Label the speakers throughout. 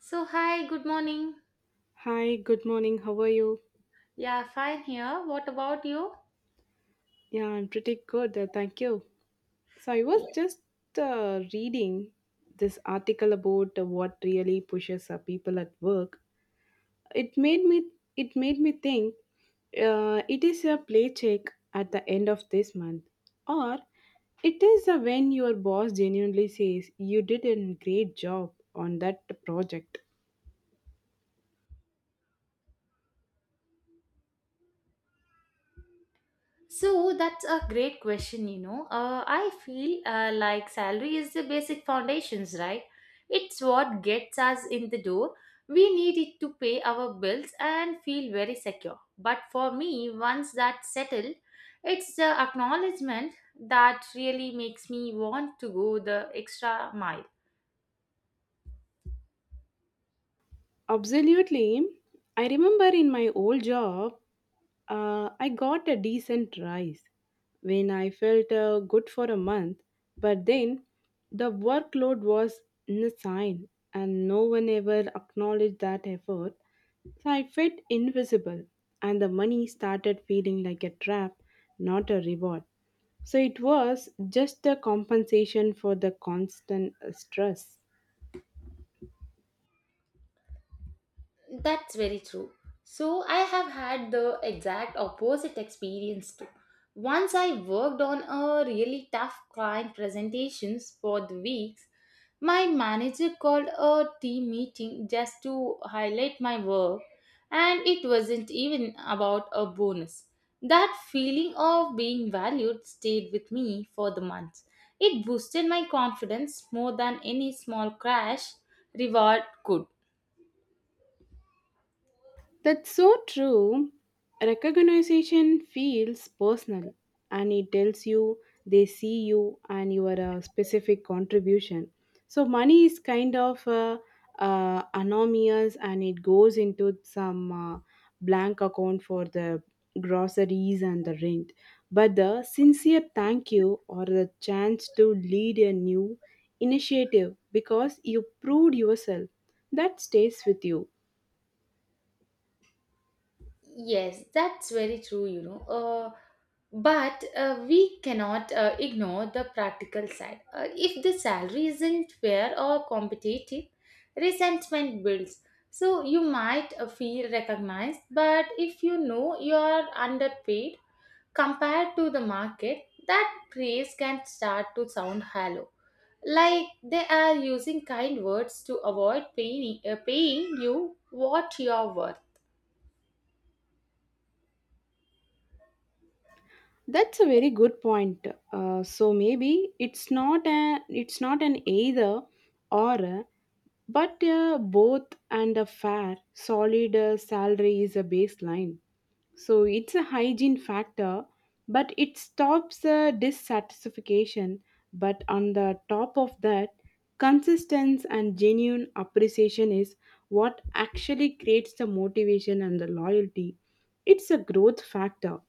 Speaker 1: So, hi, good morning.
Speaker 2: Hi, good morning. How are you?
Speaker 1: Yeah, fine here. What about you?
Speaker 2: Yeah, I'm pretty good. Thank you. So, I
Speaker 1: Yeah.
Speaker 2: was just uh, reading this article about what really pushes people at work. It made me it made me think it is a play check at the end of this month, or it is when your boss genuinely says you did a great job on that project.
Speaker 1: So, that's a great question. I feel like salary is the basic foundations, right? It's what gets us in the door. We need it to pay our bills and feel very secure. But for me, once that's settled, it's the acknowledgement that really makes me want to go the extra mile.
Speaker 2: Absolutely. I remember in my old job, I got a decent rise when I felt good for a month, but then the workload was insane and no one ever acknowledged that effort. So I felt invisible, and the money started feeling like a trap, not a reward. So it was just a compensation for the constant stress.
Speaker 1: That's very true. So, I have had the exact opposite experience too. Once I worked on a really tough client presentations for the weeks, my manager called a team meeting just to highlight my work, and it wasn't even about a bonus. That feeling of being valued stayed with me for the months. It boosted my confidence more than any small crash reward could.
Speaker 2: That's so true. Recognition feels personal and it tells you they see you and your specific contribution. So, money is kind of anonymous and it goes into some blank account for the groceries and the rent. But the sincere thank you or the chance to lead a new initiative because you proved yourself, that stays with you.
Speaker 1: Yes, that's very true. But we cannot ignore the practical side. If the salary isn't fair or competitive, resentment builds. So you might feel recognized, but if you know you are underpaid compared to the market, that praise can start to sound hollow. Like they are using kind words to avoid paying you what you are worth.
Speaker 2: That's a very good point. So maybe it's not an either or, but both. And a fair solid salary is a baseline. So it's a hygiene factor, but it stops dissatisfaction. But on the top of that, consistency and genuine appreciation is what actually creates the motivation and the loyalty. It's a growth factor.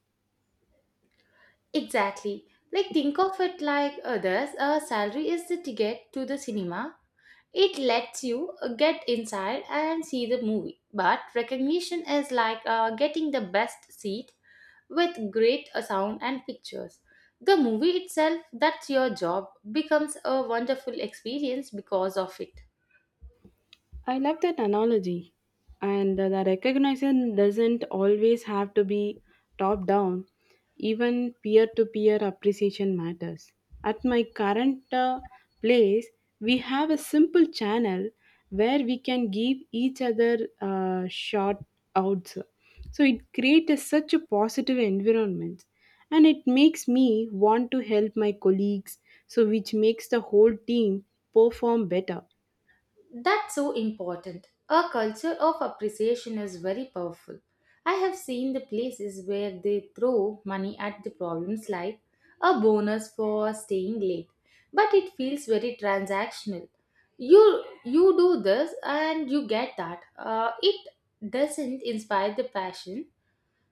Speaker 1: Exactly. Like think of it like others, a salary is the ticket to the cinema. It lets you get inside and see the movie. But recognition is like getting the best seat with great sound and pictures. The movie itself, that's your job, becomes a wonderful experience because of it.
Speaker 2: I love that analogy. And the recognition doesn't always have to be top down, even peer to peer appreciation matters. At my current place, we have a simple channel where we can give each other shout outs. So it creates a- such a positive environment, and it makes me want to help my colleagues, so which makes the whole team perform better.
Speaker 1: That's so important. A culture of appreciation is very powerful. I have seen the places where they throw money at the problems like a bonus for staying late, but it feels very transactional. You do this and you get that. It doesn't inspire the passion,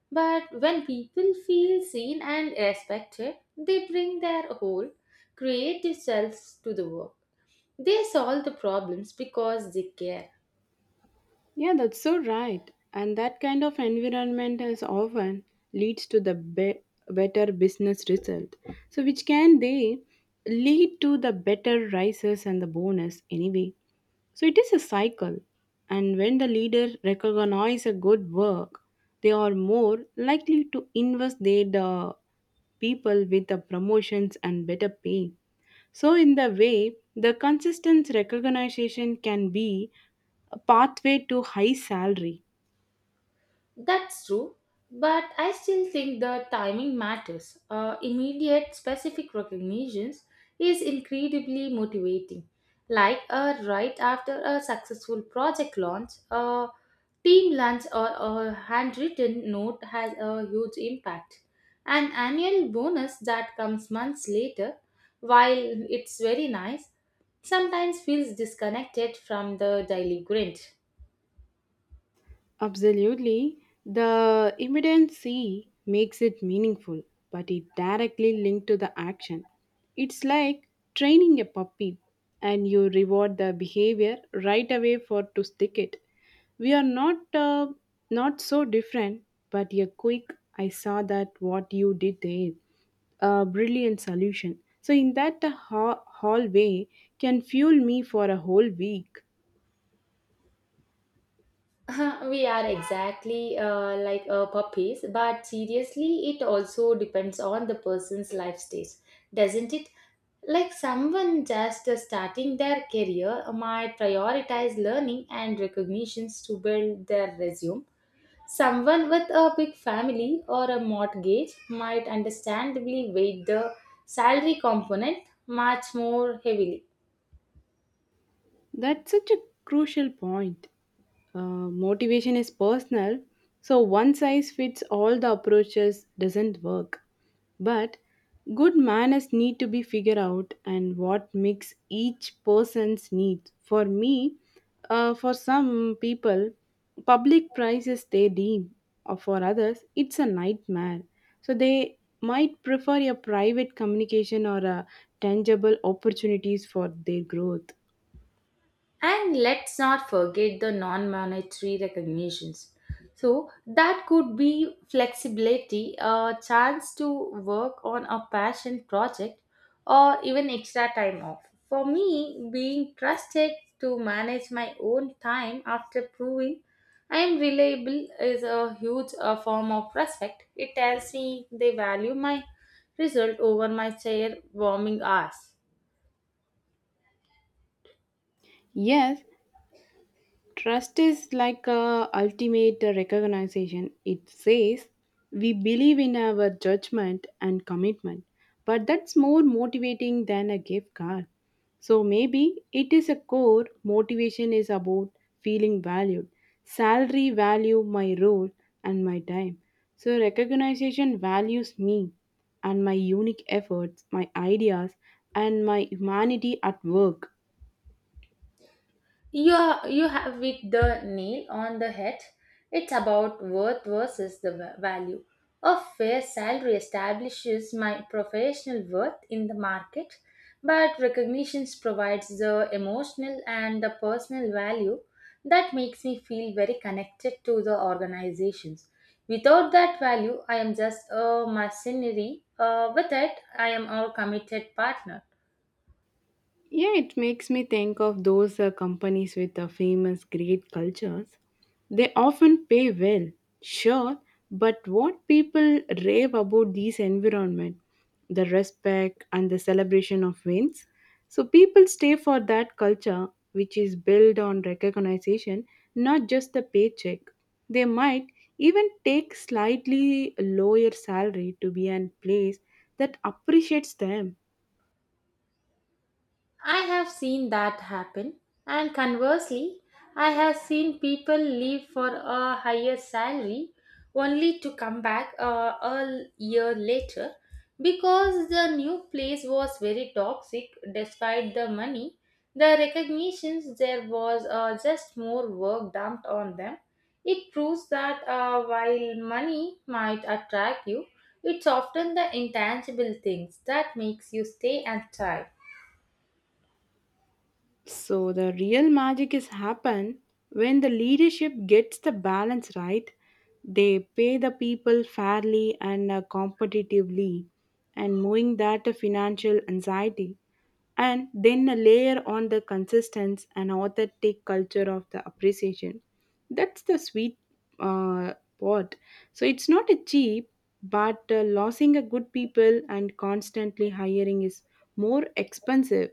Speaker 1: but when people feel seen and respected, they bring their whole creative selves to the work. They solve the problems because they care.
Speaker 2: Yeah, that's so right. And that kind of environment is often leads to the be- better business result. So which can they lead to the better rises and the bonus anyway. So it is a cycle. And when the leader recognize a good work, they are more likely to invest their the people with the promotions and better pay. So, in the way, the consistent recognition can be a pathway to high salary.
Speaker 1: That's true. But I still think the timing matters. Immediate, specific recognitions is incredibly motivating. Like right after a successful project launch, a team lunch or a handwritten note has a huge impact. An annual bonus that comes months later, while it's very nice, sometimes feels disconnected from the daily grind.
Speaker 2: Absolutely. The immediacy makes it meaningful, but it directly linked to the action. It's like training a puppy, and you reward the behavior right away for to stick it. We are not so different, but a quick I saw that what you did there, a brilliant solution. So in that the ha- hallway can fuel me for a whole week.
Speaker 1: we are exactly like puppies, but seriously, it also depends on the person's life stage, doesn't it? Like someone just starting their career might prioritize learning and recognitions to build their resume. Someone with a big family or a mortgage might understandably weight the salary component much more heavily.
Speaker 2: That's such a crucial point. Uh, Motivation is personal, so one size fits all the approaches doesn't work. But good manners need to be figured out and what makes each person's needs. For me, for some people, public prices they deem, or for others, it's a nightmare. So they might prefer a private communication or a tangible opportunities for their growth.
Speaker 1: And let's not forget the non monetary recognitions. So, that could be flexibility, a chance to work on a passion project, or even extra time off. For me, being trusted to manage my own time after proving I am reliable is a huge form of respect. It tells me they value my result over my chair warming hours.
Speaker 2: Yes, trust is like a ultimate recognition. It says we believe in our judgment and commitment, but that's more motivating than a gift card. So maybe it is a core motivation is about feeling valued, salary value my role and my time. So recognition values me and my unique efforts, my ideas and my humanity at work.
Speaker 1: You have hit the nail on the head. It's about worth versus the value. A fair salary establishes my professional worth in the market, but recognition provides the emotional and the personal value that makes me feel very connected to the organizations. Without that value, I am just a mercenary. With it, I am a committed partner.
Speaker 2: Yeah, it makes me think of those companies with famous great cultures. They often pay well, sure, but what people rave about these environment, the respect and the celebration of wins. So people stay for that culture which is built on recognition, not just the paycheck. They might even take slightly lower salary to be in place that appreciates them.
Speaker 1: I have seen that happen, and conversely, I have seen people leave for a higher salary only to come back a year later because the new place was very toxic despite the money. The recognitions there was just more work dumped on them. It proves that while money might attract you, it's often the intangible things that makes you stay and thrive.
Speaker 2: So the real magic is happen when the leadership gets the balance right. They pay the people fairly and competitively, and moving that to financial anxiety, and then a layer on the consistency and authentic culture of the appreciation. That's the sweet uh, part. So it's not a cheap, but losing a good people and constantly hiring is more expensive.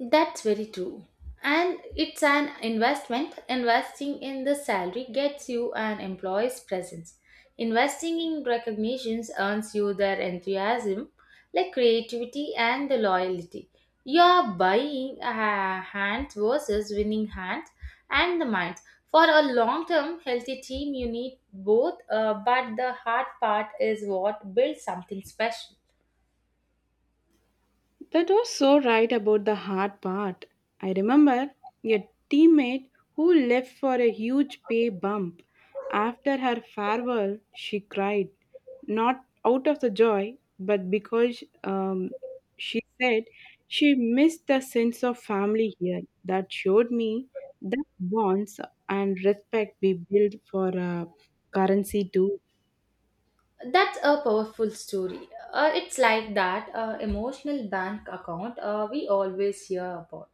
Speaker 1: That's very true. And it's an investment. Investing in the salary gets you an employee's presence. Investing in recognitions earns you their enthusiasm, like creativity and the loyalty. You are buying hands versus winning hands and the minds. For a long term healthy team, you need both, but the hard part is what builds something special.
Speaker 2: That was so right about the hard part. I remember a teammate who left for a huge pay bump. After her farewell, she cried, not out of the joy, but because she said she missed the sense of family here. That showed me that bonds and respect we build for a currency too.
Speaker 1: That's a powerful story. It's like that emotional bank account we always hear about.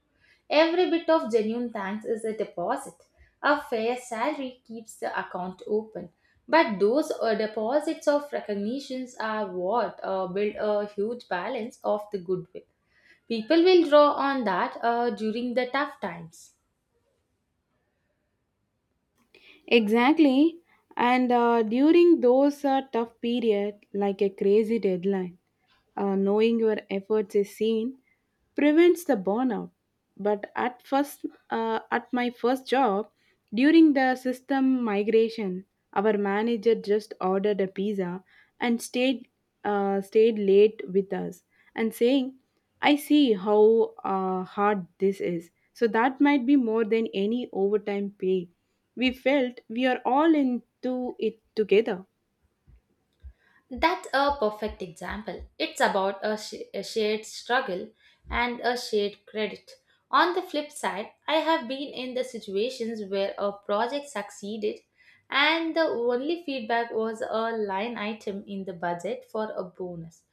Speaker 1: Every bit of genuine thanks is a deposit. A fair salary keeps the account open. But those deposits of recognitions are what build a huge balance of the goodwill. People will draw on that during the tough times.
Speaker 2: Exactly. And during those tough period, like a crazy deadline, knowing your efforts is seen prevents the burnout, but at first at my first job during the system migration, our manager just ordered a pizza and stayed late with us and saying I see how hard this is, so that might be more than any overtime pay. We felt we are all into it together.
Speaker 1: That's a perfect example. It's about a shared struggle and a shared credit. On the flip side, I have been in the situations where a project succeeded and the only feedback was a line item in the budget for a bonus.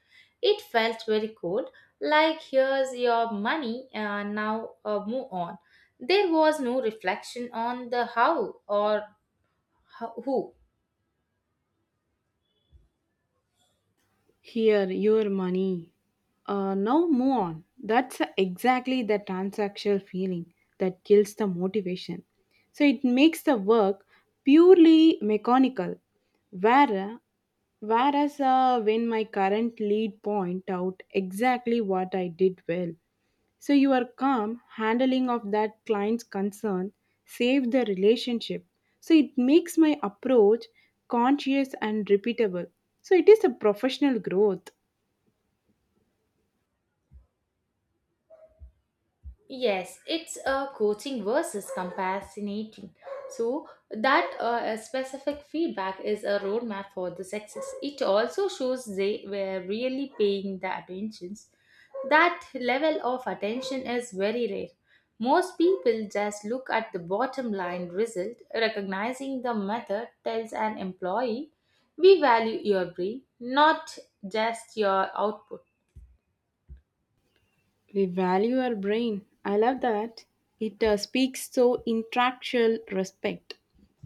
Speaker 1: It felt very cold, like here's your money, now move on. There was no reflection on the how or who.
Speaker 2: Here, your money. Now move on. That's exactly the transactional feeling that kills the motivation. So it makes the work purely mechanical. Where, whereas when my current lead point out exactly what I did well, so your calm handling of that client's concern saved the relationship. So it makes my approach conscious and repeatable. So it is a professional growth.
Speaker 1: Yes, it's coaching versus compassionating. So that specific feedback is a roadmap for the success. It also shows they were really paying the attentions. That level of attention is very rare. Most people just look at the bottom line result. Recognizing the method tells an employee, we value your brain, not just your output.
Speaker 2: We value our brain. I love that. It speaks so intellectual respect.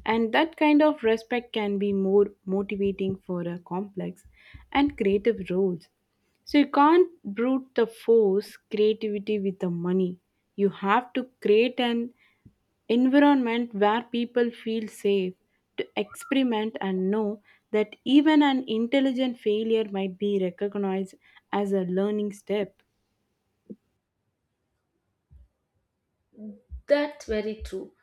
Speaker 2: And that kind of respect can be more motivating for a complex and creative roles. So you can't brute the force creativity with the money. You have to create an environment where people feel safe to experiment and know that even an intelligent failure might be recognized as a learning step.
Speaker 1: That's very true.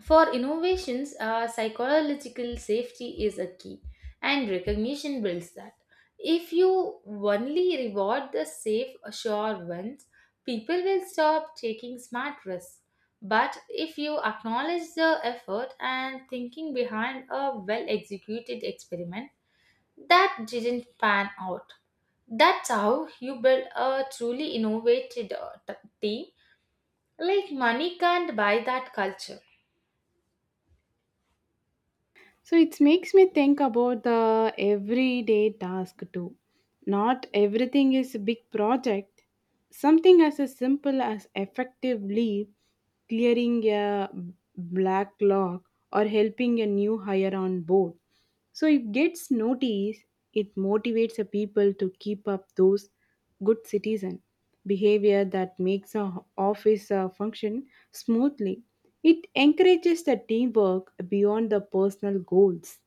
Speaker 1: For innovations, psychological safety is a key, and recognition builds that. If you only reward the safe, sure ones, people will stop taking smart risks. But if you acknowledge the effort and thinking behind a well executed experiment that didn't pan out, that's how you build a truly innovative team. Like, money can't buy that culture.
Speaker 2: So it makes me think about the everyday task too. Not everything is a big project. Something as a simple as effectively clearing a backlog or helping a new hire on board. So it gets noticed, it motivates the people to keep up those good citizen behavior that makes a ho- office function smoothly. It encourages the teamwork beyond the personal goals.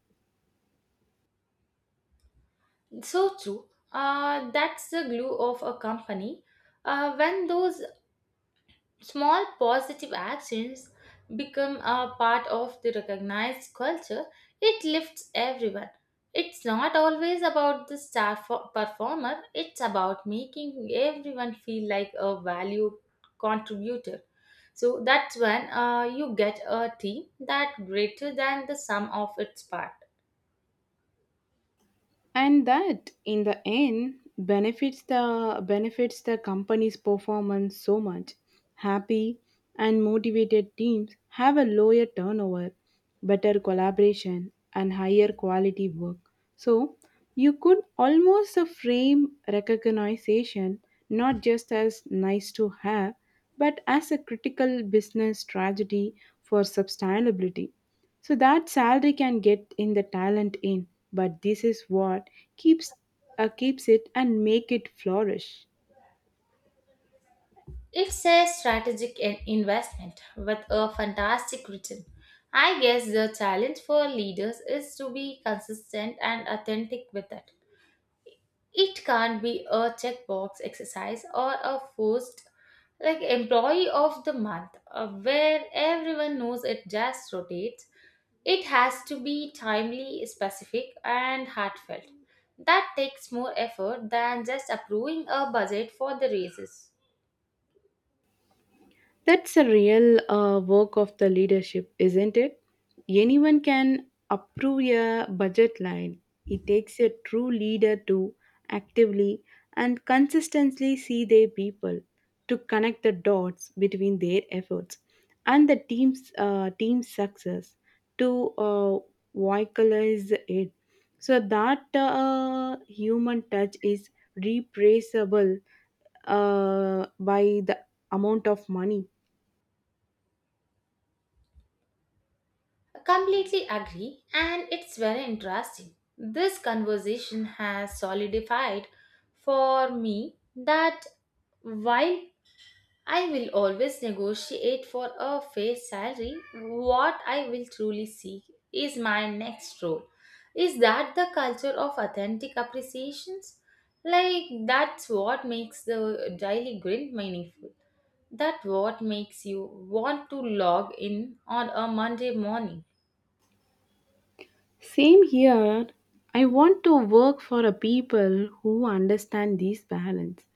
Speaker 1: So true. That's the glue of a company. When those small positive actions become a part of the recognized culture, it lifts everyone. It's not always about the star performer, it's about making everyone feel like a valued contributor. So that's when you get a team that greater than the sum of its parts.
Speaker 2: And that in the end benefits the company's performance so much. Happy and motivated teams have a lower turnover, better collaboration and higher quality work. So you could almost frame recognition not just as nice to have, but as a critical business strategy for sustainability. So that salary can get in the talent in, but this is what keeps keeps it and make it flourish.
Speaker 1: It's a strategic investment with a fantastic return. I guess the challenge for leaders is to be consistent and authentic with it. It can't be a checkbox exercise or a forced like employee of the month where everyone knows it just rotates. It has to be timely, specific, and heartfelt. That takes more effort than just approving a budget for the raises.
Speaker 2: That's a real work of the leadership, isn't it? Anyone can approve a budget line. It takes a true leader to actively and consistently see their people, to connect the dots between their efforts and the team's success, to vocalize it. So that human touch is replaceable by the amount of money.
Speaker 1: Completely agree, and it's very interesting. This conversation has solidified for me that while I will always negotiate for a fair salary, what I will truly seek is my next role. Is that the culture of authentic appreciations? Like, that's what makes the daily grind meaningful. That what makes you want to log in on a Monday morning.
Speaker 2: Same here. I want to work for a people who understand this balance,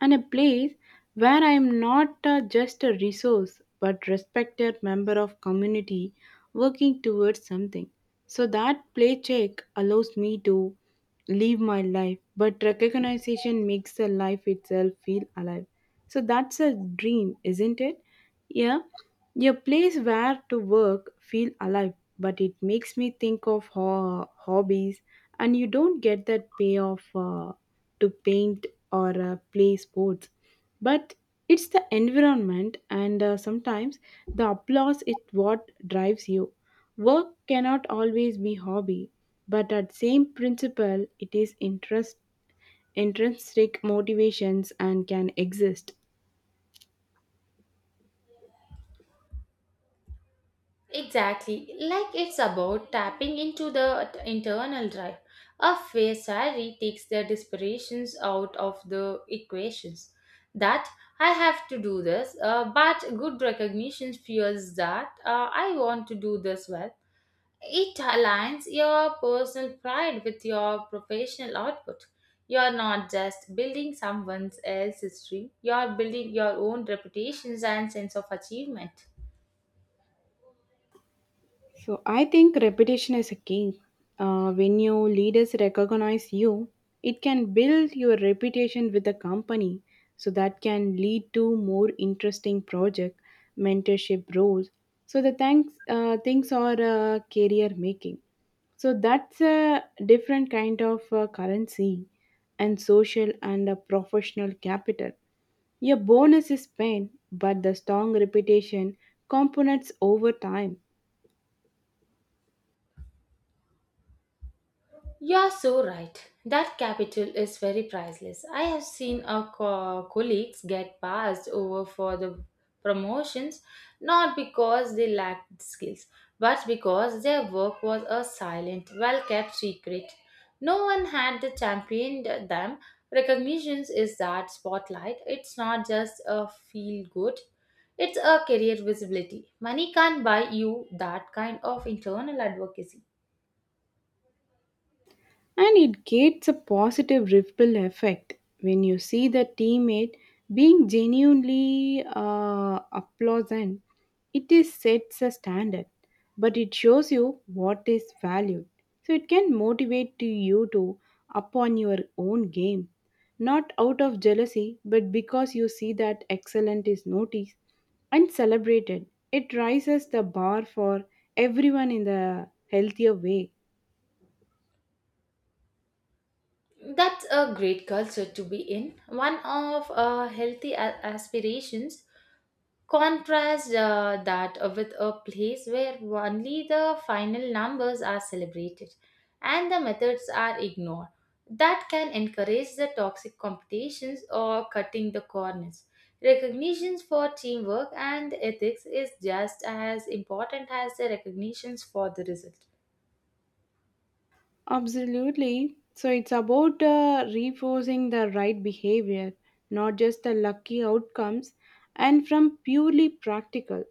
Speaker 2: and a place where I am not just a resource but respected member of community working towards something. So that play check allows me to live my life, but recognition makes the life itself feel alive. So that's a dream, isn't it? Yeah, a place where to work feel alive, but it makes me think of ho- hobbies, and you don't get that payoff to paint or play sports, but it's the environment and sometimes the applause is what drives you. Work cannot always be hobby, but at same principle it is interest intrinsic motivations and can exist.
Speaker 1: Exactly, like it's about tapping into the internal drive. A fair salary takes the desperations out of the equations. That I have to do this, but good recognition fuels that I want to do this well. It aligns your personal pride with your professional output. You're not just building someone else's dream, you're building your own reputations and sense of achievement.
Speaker 2: So I think repetition is a key. When your leaders recognize you, it can build your reputation with the company. So that can lead to more interesting project, mentorship roles. So the thanks, things are career making. So that's a different kind of currency and social and a professional capital. Your bonus is pain, but the strong reputation components over time.
Speaker 1: You are so right. That capital is very priceless. I have seen our colleagues get passed over for the promotions not because they lacked skills, but because their work was a silent, well kept secret. No one had championed them. Recognitions is that spotlight. It's not just a feel good, it's a career visibility. Money can't buy you that kind of internal advocacy.
Speaker 2: And it gets a positive ripple effect when you see the teammate being genuinely pleasant. It is sets a standard, but it shows you what is valued. So it can motivate to you to upon your own game, not out of jealousy, but because you see that excellent is noticed and celebrated. It raises the bar for everyone in the healthier way.
Speaker 1: That's a great culture to be in. One of healthy aspirations. Contrast that with a place where only the final numbers are celebrated and the methods are ignored. That can encourage the toxic competitions or cutting the corners. Recognitions for teamwork and ethics is just as important as the recognitions for the result.
Speaker 2: Absolutely. So it's about reinforcing the right behavior, not just the lucky outcomes, and from purely practical,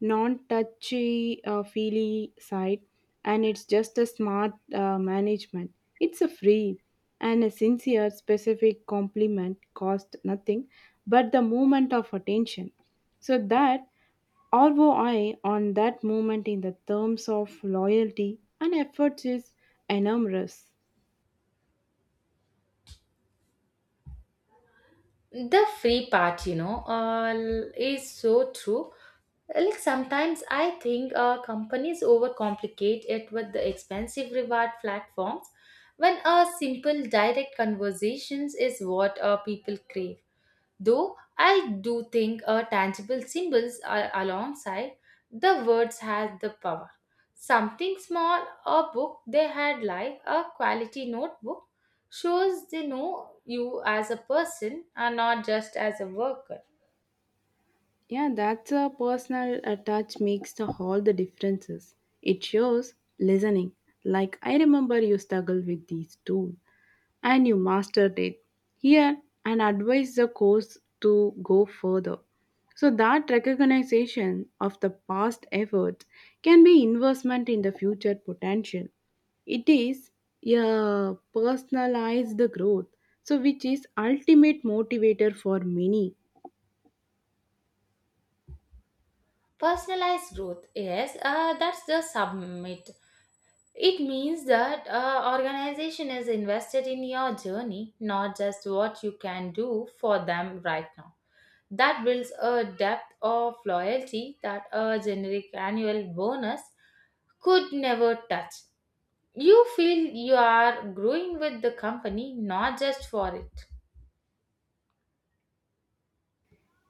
Speaker 2: non touchy feely side. And it's just a smart management. It's a free and a sincere, specific compliment cost nothing but the moment of attention. So that ROI on that movement in the terms of loyalty and efforts is enormous.
Speaker 1: The free part, you know, is so true. Like sometimes I think companies overcomplicate it with the expensive reward platforms when a simple direct conversations is what people crave. Though I do think a tangible symbols alongside the words has the power. Something small, a book they had like a quality notebook shows they know you as a person and not just as a worker.
Speaker 2: Yeah, that's a personal touch makes the, all the differences. It shows listening. Like I remember you struggled with these too. And you mastered it. Here, and advise the course to go further. So that recognition of the past efforts can be investment in the future potential. It is a personalized growth, so which is ultimate motivator for many.
Speaker 1: Personalized growth, yes, that's the summit. It means that organization is invested in your journey, not just what you can do for them right now. That builds a depth of loyalty that a generic annual bonus could never touch. You feel you are growing with the company, not just for it.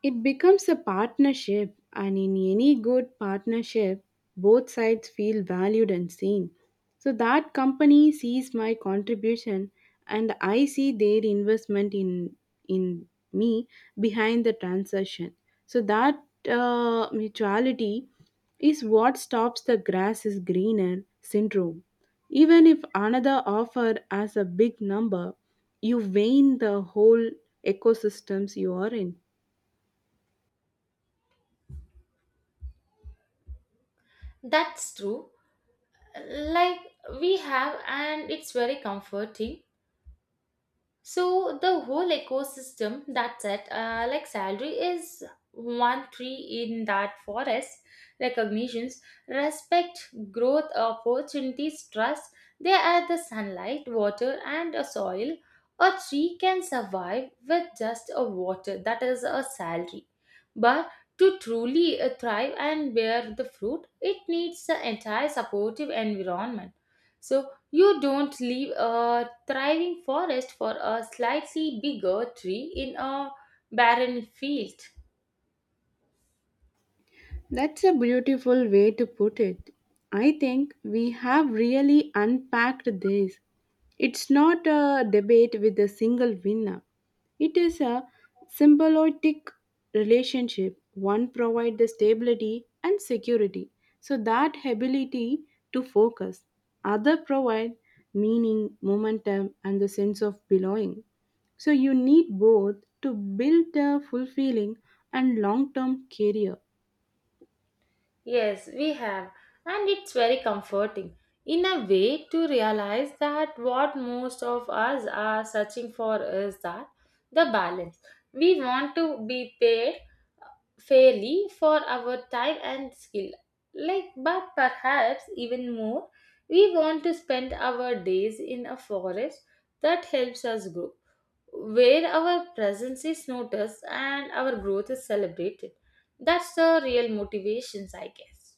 Speaker 2: It becomes a partnership, and in any good partnership, both sides feel valued and seen. So that company sees my contribution, and I see their investment in me behind the transaction. So that mutuality is what stops the grass is greener syndrome. Even if another offer as a big number, you wane the whole ecosystems you are in.
Speaker 1: That's true. Like we have, and it's very comforting. So the whole ecosystem, that's it. Like salary is one tree in that forest. Recognitions, respect, growth, opportunities, trust. They are the sunlight, water, and a soil. A tree can survive with just a water, that is a salary. But to truly thrive and bear the fruit, it needs the entire supportive environment. So you don't leave a thriving forest for a slightly bigger tree in a barren field.
Speaker 2: That's a beautiful way to put it. I think we have really unpacked this. It's not a debate with a single winner. It is a symbiotic relationship. One provides the stability and security, so that ability to focus. Other provide meaning, momentum, and the sense of belonging. So you need both to build a fulfilling and long-term career.
Speaker 1: Yes, we have, and it's very comforting in a way to realize that what most of us are searching for is that the balance. We want to be paid fairly for our time and skill, like, but perhaps even more, we want to spend our days in a forest that helps us grow where our presence is noticed and our growth is celebrated. That's the real motivations, I guess.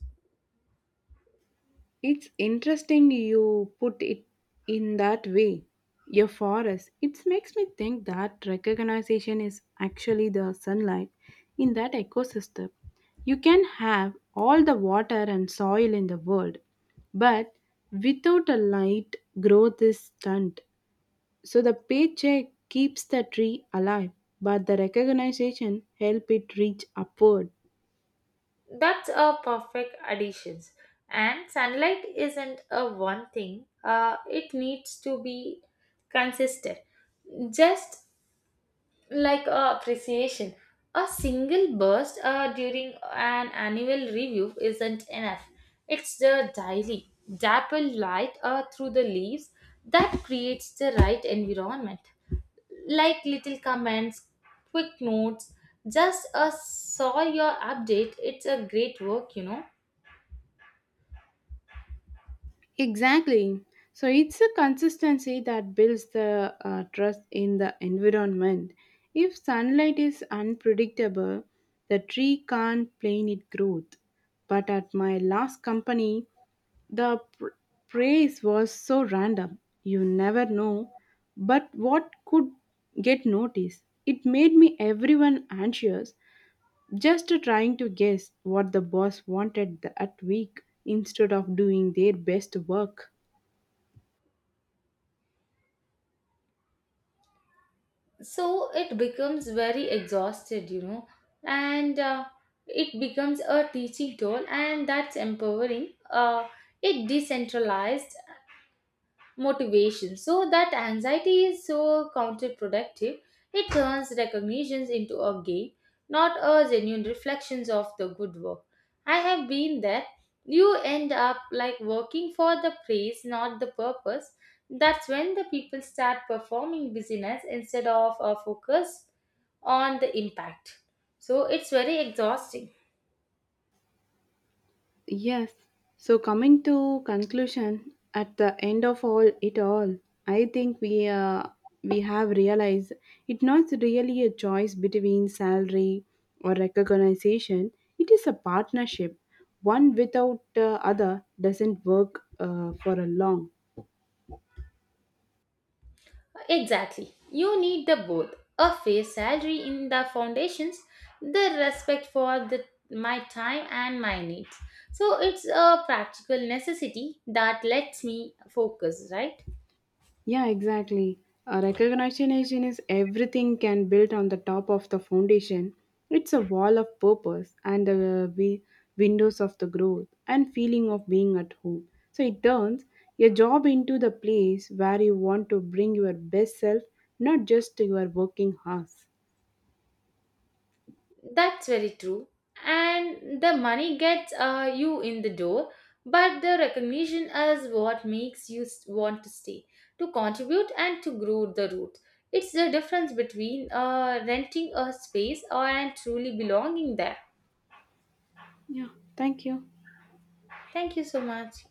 Speaker 2: It's interesting you put it in that way. Your forest. It makes me think that recognition is actually the sunlight in that ecosystem. You can have all the water and soil in the world, but without a light, growth is stunned. So the paycheck keeps the tree alive, but the recognition help it reach upward.
Speaker 1: That's a perfect additions. And sunlight isn't a one thing. It needs to be consistent. Just like appreciation. A single burst during an annual review isn't enough. It's the daily, dapple light through the leaves that creates the right environment. Like little comments, quick notes, just a saw your update. It's a great work, you know.
Speaker 2: Exactly. So it's a consistency that builds the trust in the environment. If sunlight is unpredictable, the tree can't plan its growth. But at my last company, the praise was so random. You never know, but what could get noticed? It made me everyone anxious, just trying to guess what the boss wanted that week instead of doing their best work.
Speaker 1: So it becomes very exhausted, you know and it becomes a teaching tool and that's empowering, it decentralized motivation. So that anxiety is so counterproductive. It turns recognitions into a game, not a genuine reflections of the good work. I have been there. You end up like working for the praise, not the purpose. That's when the people start performing business instead of a focus on the impact. So it's very exhausting.
Speaker 2: Yes. So coming to conclusion, at the end of all it all, I think we have realized it's not really a choice between salary or recognition. It is a partnership. One without the other doesn't work for a long.
Speaker 1: Exactly. You need the both a fair salary in the foundations, the respect for the, my time and my needs. So it's a practical necessity that lets me focus, right?
Speaker 2: Yeah, exactly. A recognition is everything can build on the top of the foundation. It's a wall of purpose and the windows of the growth and feeling of being at home. So it turns your job into the place where you want to bring your best self, not just to your working hours.
Speaker 1: That's very true. And the money gets you in the door, but the recognition is what makes you want to stay, to contribute, and to grow the root. It's the difference between renting a space or and truly belonging there.
Speaker 2: Yeah, thank you.
Speaker 1: Thank you so much.